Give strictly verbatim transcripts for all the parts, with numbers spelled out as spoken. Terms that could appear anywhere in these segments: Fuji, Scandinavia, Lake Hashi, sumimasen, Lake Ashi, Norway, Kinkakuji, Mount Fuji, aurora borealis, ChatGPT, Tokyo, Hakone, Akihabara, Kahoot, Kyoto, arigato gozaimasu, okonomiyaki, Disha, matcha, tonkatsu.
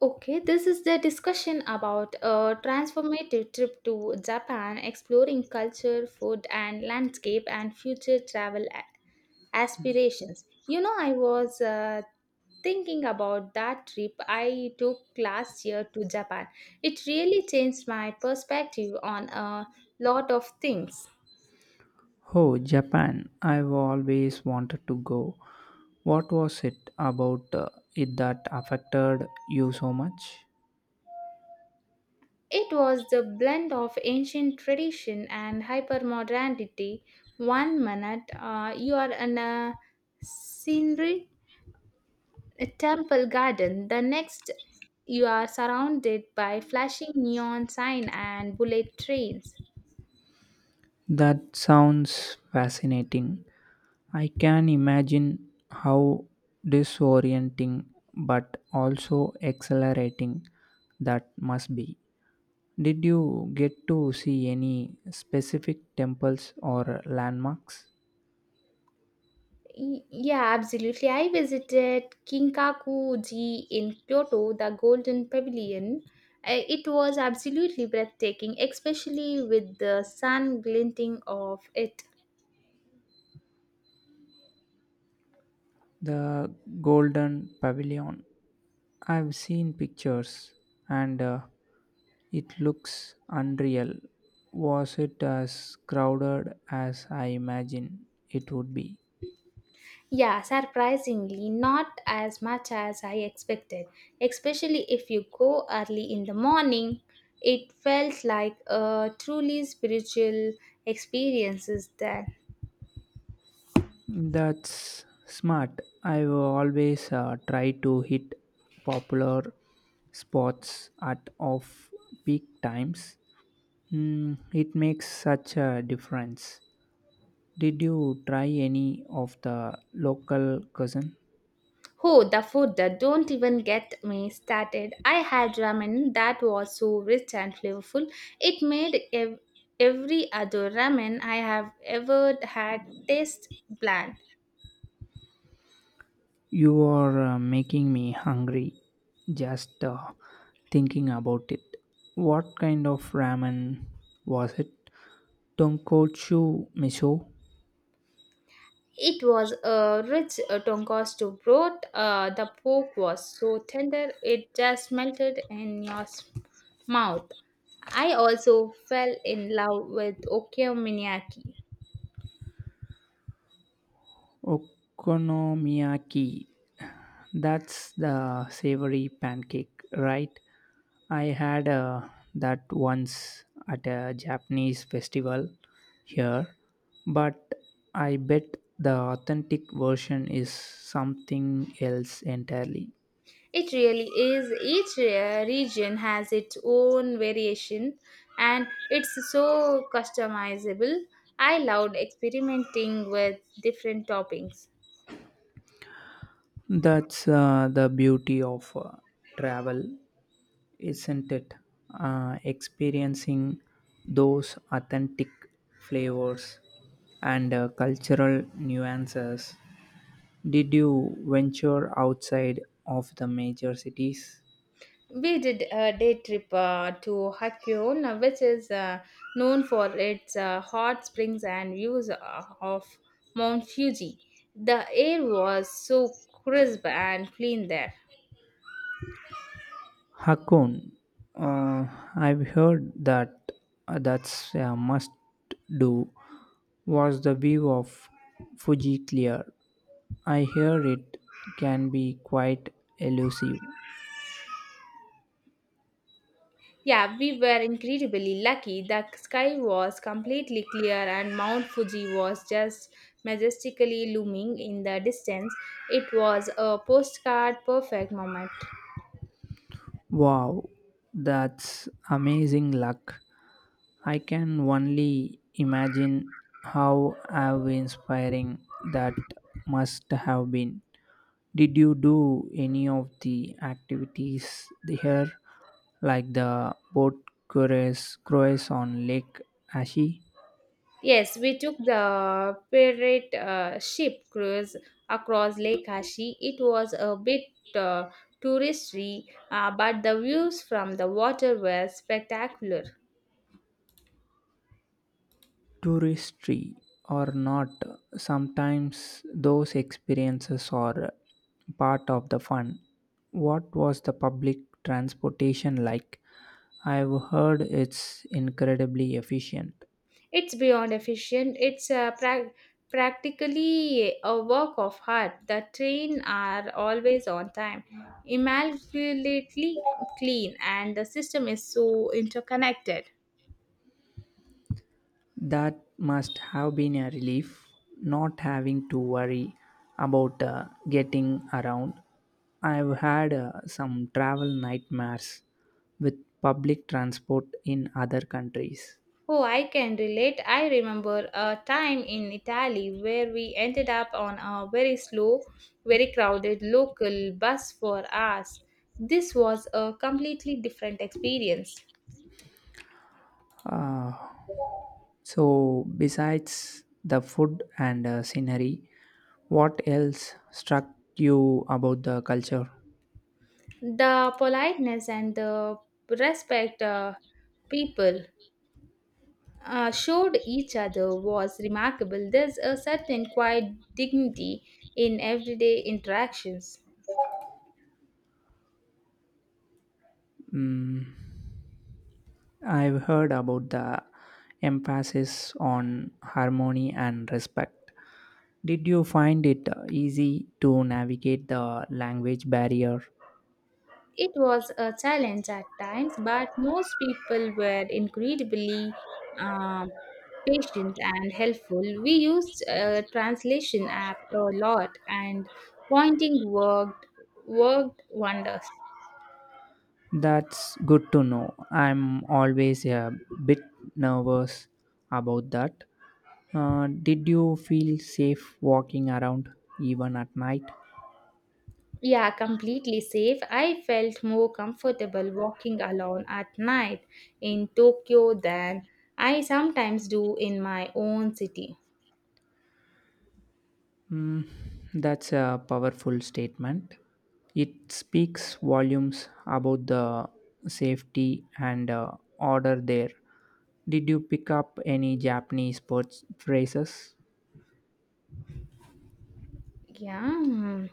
Okay, this is the discussion about a transformative trip to Japan, exploring culture, food, and landscape, and future travel a- aspirations. You know, I was uh, thinking about that trip I took last year to Japan. It really changed my perspective on a lot of things. Oh, Japan. I've always wanted to go. What was it about uh, it that affected you so much? It was the blend of ancient tradition and hypermodernity. One minute, uh, you are in a scenery a temple garden. The next, you are surrounded by flashing neon sign and bullet trains. That sounds fascinating. I can imagine how disorienting but also exhilarating that must be. Did you get to see any specific temples or landmarks? Y- Yeah, absolutely. I visited Kinkakuji in Kyoto, the Golden Pavilion. Uh, It was absolutely breathtaking, especially with the sun glinting off it. The Golden Pavilion, I've seen pictures, and uh, it looks unreal. Was it as crowded as I imagine it would be? Yeah, surprisingly, not as much as I expected. Especially if you go early in the morning, it felt like a truly spiritual experiences. Is that? That's smart. I've always uh, tried to hit popular spots at off peak times. Mm, it makes such a difference. Did you try any of the local cuisine? Oh, the food, that don't even get me started. I had ramen that was so rich and flavorful. It made ev- every other ramen I have ever had taste bland. You are uh, making me hungry just uh, thinking about it. What kind of ramen was it? Tonkotsu miso It was a rich uh, tonkatsu broth. Uh, the pork was so tender it just melted in your s- mouth. I also fell in love with okonomiyaki. okonomiyaki. That's the savory pancake, right? I had uh, that once at a Japanese festival here, but I bet the authentic version is something else entirely. It really is. Each uh, region has its own variation, and it's so customizable. I loved experimenting with different toppings. That's uh, the beauty of uh, travel, isn't it? Uh, experiencing those authentic flavors and uh, cultural nuances. Did you venture outside of the major cities? We did a day trip uh, to Hakone, which is uh, known for its uh, hot springs and views uh, of Mount Fuji. The air was so crisp and clean there. Hakone. uh, I've heard that uh, that's a must do. Was the view of Fuji clear? I hear it can be quite elusive. Yeah, we were incredibly lucky. The sky was completely clear, and Mount Fuji was just majestically looming in the distance. It was a postcard perfect moment. Wow, that's amazing luck. I can only imagine how how inspiring that must have been. Did you do any of the activities there, like the boat cruise, cruise on Lake Ashi? Yes, we took the pirate uh, ship cruise across Lake Hashi. It was a bit uh, touristy, uh, but the views from the water were spectacular. Touristy or not, sometimes those experiences are part of the fun. What was the public transportation like? I've heard it's incredibly efficient. It's beyond efficient. It's uh, prac practically a work of art. The train are always on time, immaculately clean, and the system is so interconnected. That must have been a relief, not having to worry about uh, getting around. I've had uh, some travel nightmares with public transport in other countries. Oh, I can relate. I remember a time in Italy where we ended up on a very slow, very crowded local bus for hours. This was a completely different experience. Uh, So, besides the food and uh, scenery, what else struck you about the culture? The politeness and the respect uh, people uh, showed each other was remarkable. There's a certain quiet dignity in everyday interactions. Mm, I've heard about the emphasis on harmony and respect. Did you find it uh, easy to navigate the language barrier? It was a challenge at times, but most people were incredibly um, patient and helpful. We used a translation app a lot, and pointing worked worked wonders. That's good to know. I'm always a bit nervous about that. Uh, did you feel safe walking around even at night? Yeah, completely safe. I felt more comfortable walking alone at night in Tokyo than I sometimes do in my own city. Mm, that's a powerful statement. It speaks volumes about the safety and uh, order there. Did you pick up any Japanese words phrases? Yeah.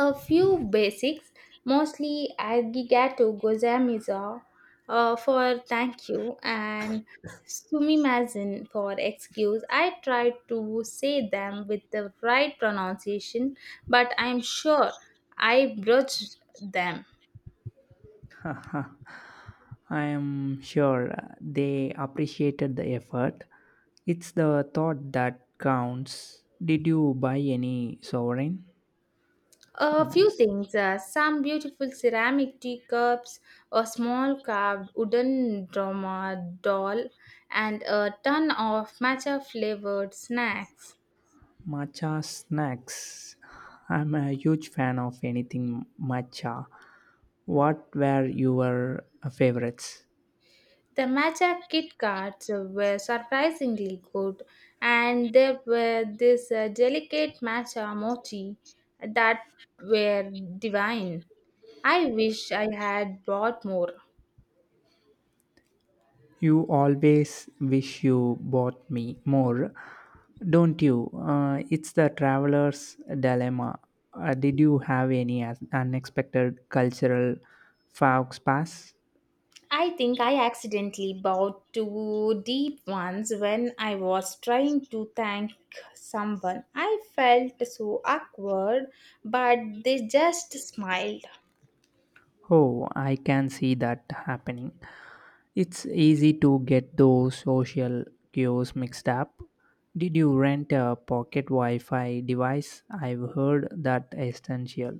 A few basics, mostly arigato gozaimasu uh, for thank you and sumimasen for excuse. I try to say them with the right pronunciation, but I'm sure I broached them. Haha, I am sure they appreciated the effort. It's the thought that counts. Did you buy any sovereign? So A few nice. things, uh, some beautiful ceramic teacups, a small carved wooden drama doll, and a ton of matcha flavored snacks. Matcha snacks. I'm a huge fan of anything matcha. What were your favorites? The matcha Kit Kats were surprisingly good, and there were this uh, delicate matcha mochi that were divine. I wish I had bought more. You always wish you bought me more, don't you? Uh, it's the traveler's dilemma. Uh, did you have any as- unexpected cultural faux pas? I think I accidentally bought two deep ones when I was trying to thank someone. I felt so awkward, but they just smiled. Oh, I can see that happening. It's easy to get those social cues mixed up. Did you rent a pocket Wi Fi device? I've heard that essential.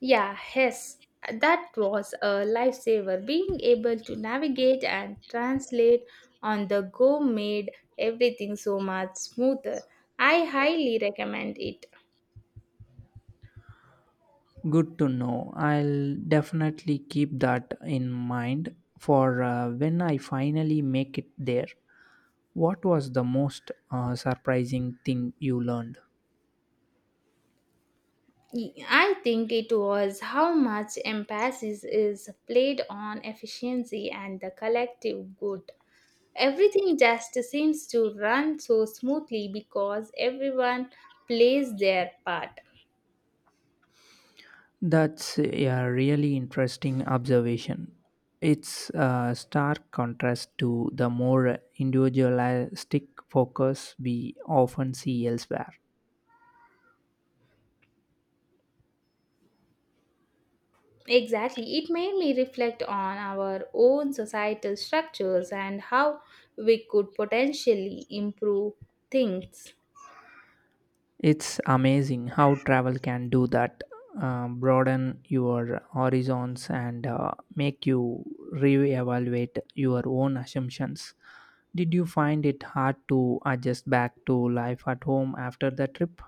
Yeah, yes, that was a lifesaver. Being able to navigate and translate on the go made everything so much smoother. I highly recommend it. Good to know. I'll definitely keep that in mind for uh, when I finally make it there. What was the most uh, surprising thing you learned? I think it was how much emphasis is played on efficiency and the collective good. Everything just seems to run so smoothly because everyone plays their part. That's a really interesting observation. It's a stark contrast to the more individualistic focus we often see elsewhere. Exactly. It made me reflect on our own societal structures and how we could potentially improve things. It's amazing how travel can do that, uh, broaden your horizons and uh, make you reevaluate your own assumptions. Did you find it hard to adjust back to life at home after the trip?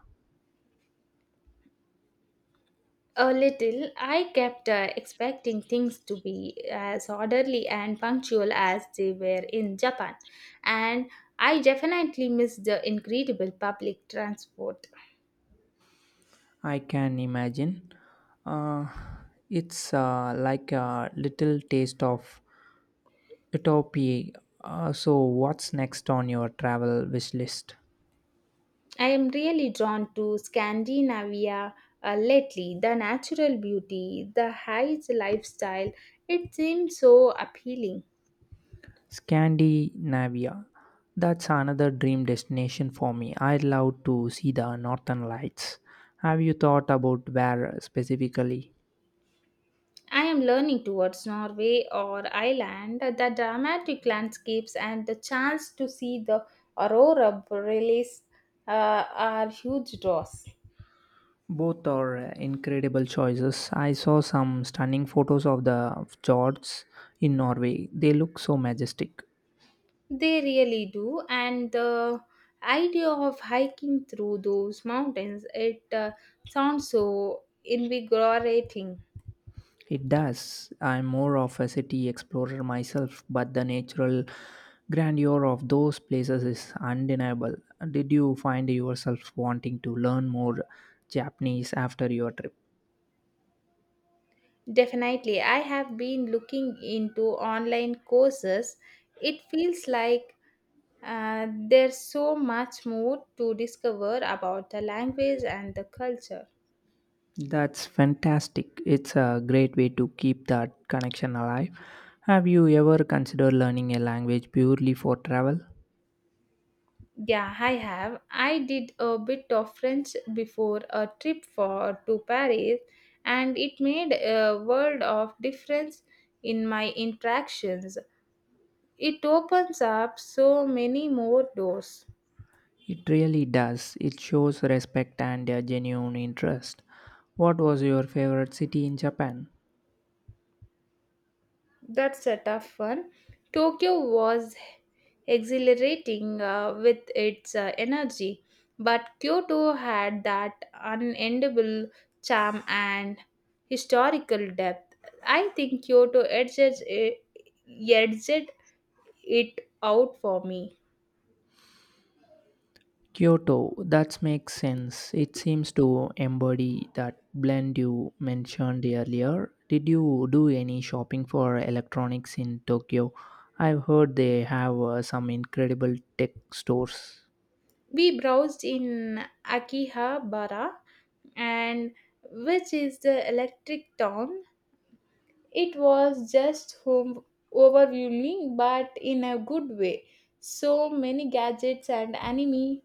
A little. I kept uh, expecting things to be as orderly and punctual as they were in Japan, and I definitely missed the incredible public transport. I can imagine. Uh, it's uh, like a little taste of utopia. Uh, so, what's next on your travel wish list? I am really drawn to Scandinavia uh, lately. The natural beauty, the high lifestyle, it seems so appealing. Scandinavia. That's another dream destination for me. I'd love to see the northern lights. Have you thought about where specifically? I am learning towards Norway or Ireland, the dramatic landscapes and the chance to see the aurora borealis uh, are huge draws. Both are uh, incredible choices. I saw some stunning photos of the fjords in Norway. They look so majestic. They really do, and the idea of hiking through those mountains, it uh, sounds so invigorating. It does. I'm more of a city explorer myself, but the natural grandeur of those places is undeniable. Did you find yourself wanting to learn more Japanese after your trip? Definitely. I have been looking into online courses. It feels like uh, there's so much more to discover about the language and the culture. That's fantastic. It's a great way to keep that connection alive. Have you ever considered learning a language purely for travel? Yeah, I have. I did a bit of French before a trip for to Paris, and it made a world of difference in my interactions. It opens up so many more doors. It really does. It shows respect and a genuine interest. What was your favorite city in Japan? That's a tough one. Tokyo was exhilarating uh, with its uh, energy, but Kyoto had that unendable charm and historical depth. I think Kyoto edges it, edged it out for me. Kyoto, that makes sense. It seems to embody that blend you mentioned earlier. Did you do any shopping for electronics in Tokyo? I've heard they have uh, some incredible tech stores. We browsed in Akihabara, and which is the electric town. It was just home overwhelming, but in a good way. So many gadgets and anime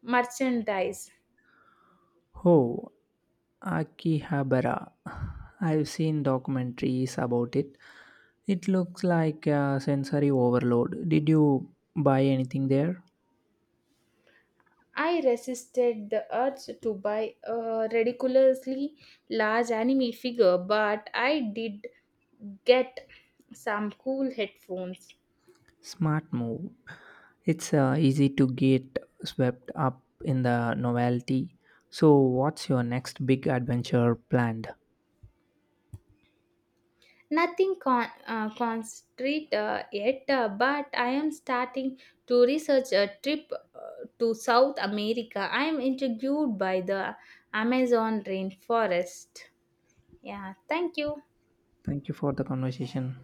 merchandise. Oh, Akihabara. I've seen documentaries about it. It looks like a sensory overload. Did you buy anything there? I resisted the urge to buy a ridiculously large anime figure, but I did get some cool headphones. Smart move. It's uh, easy to get swept up in the novelty. So, what's your next big adventure planned? Nothing con- uh, concrete uh, yet, uh, but I am starting to research a trip uh, to South America. I am intrigued by the Amazon rainforest. Yeah, thank you. Thank you for the conversation.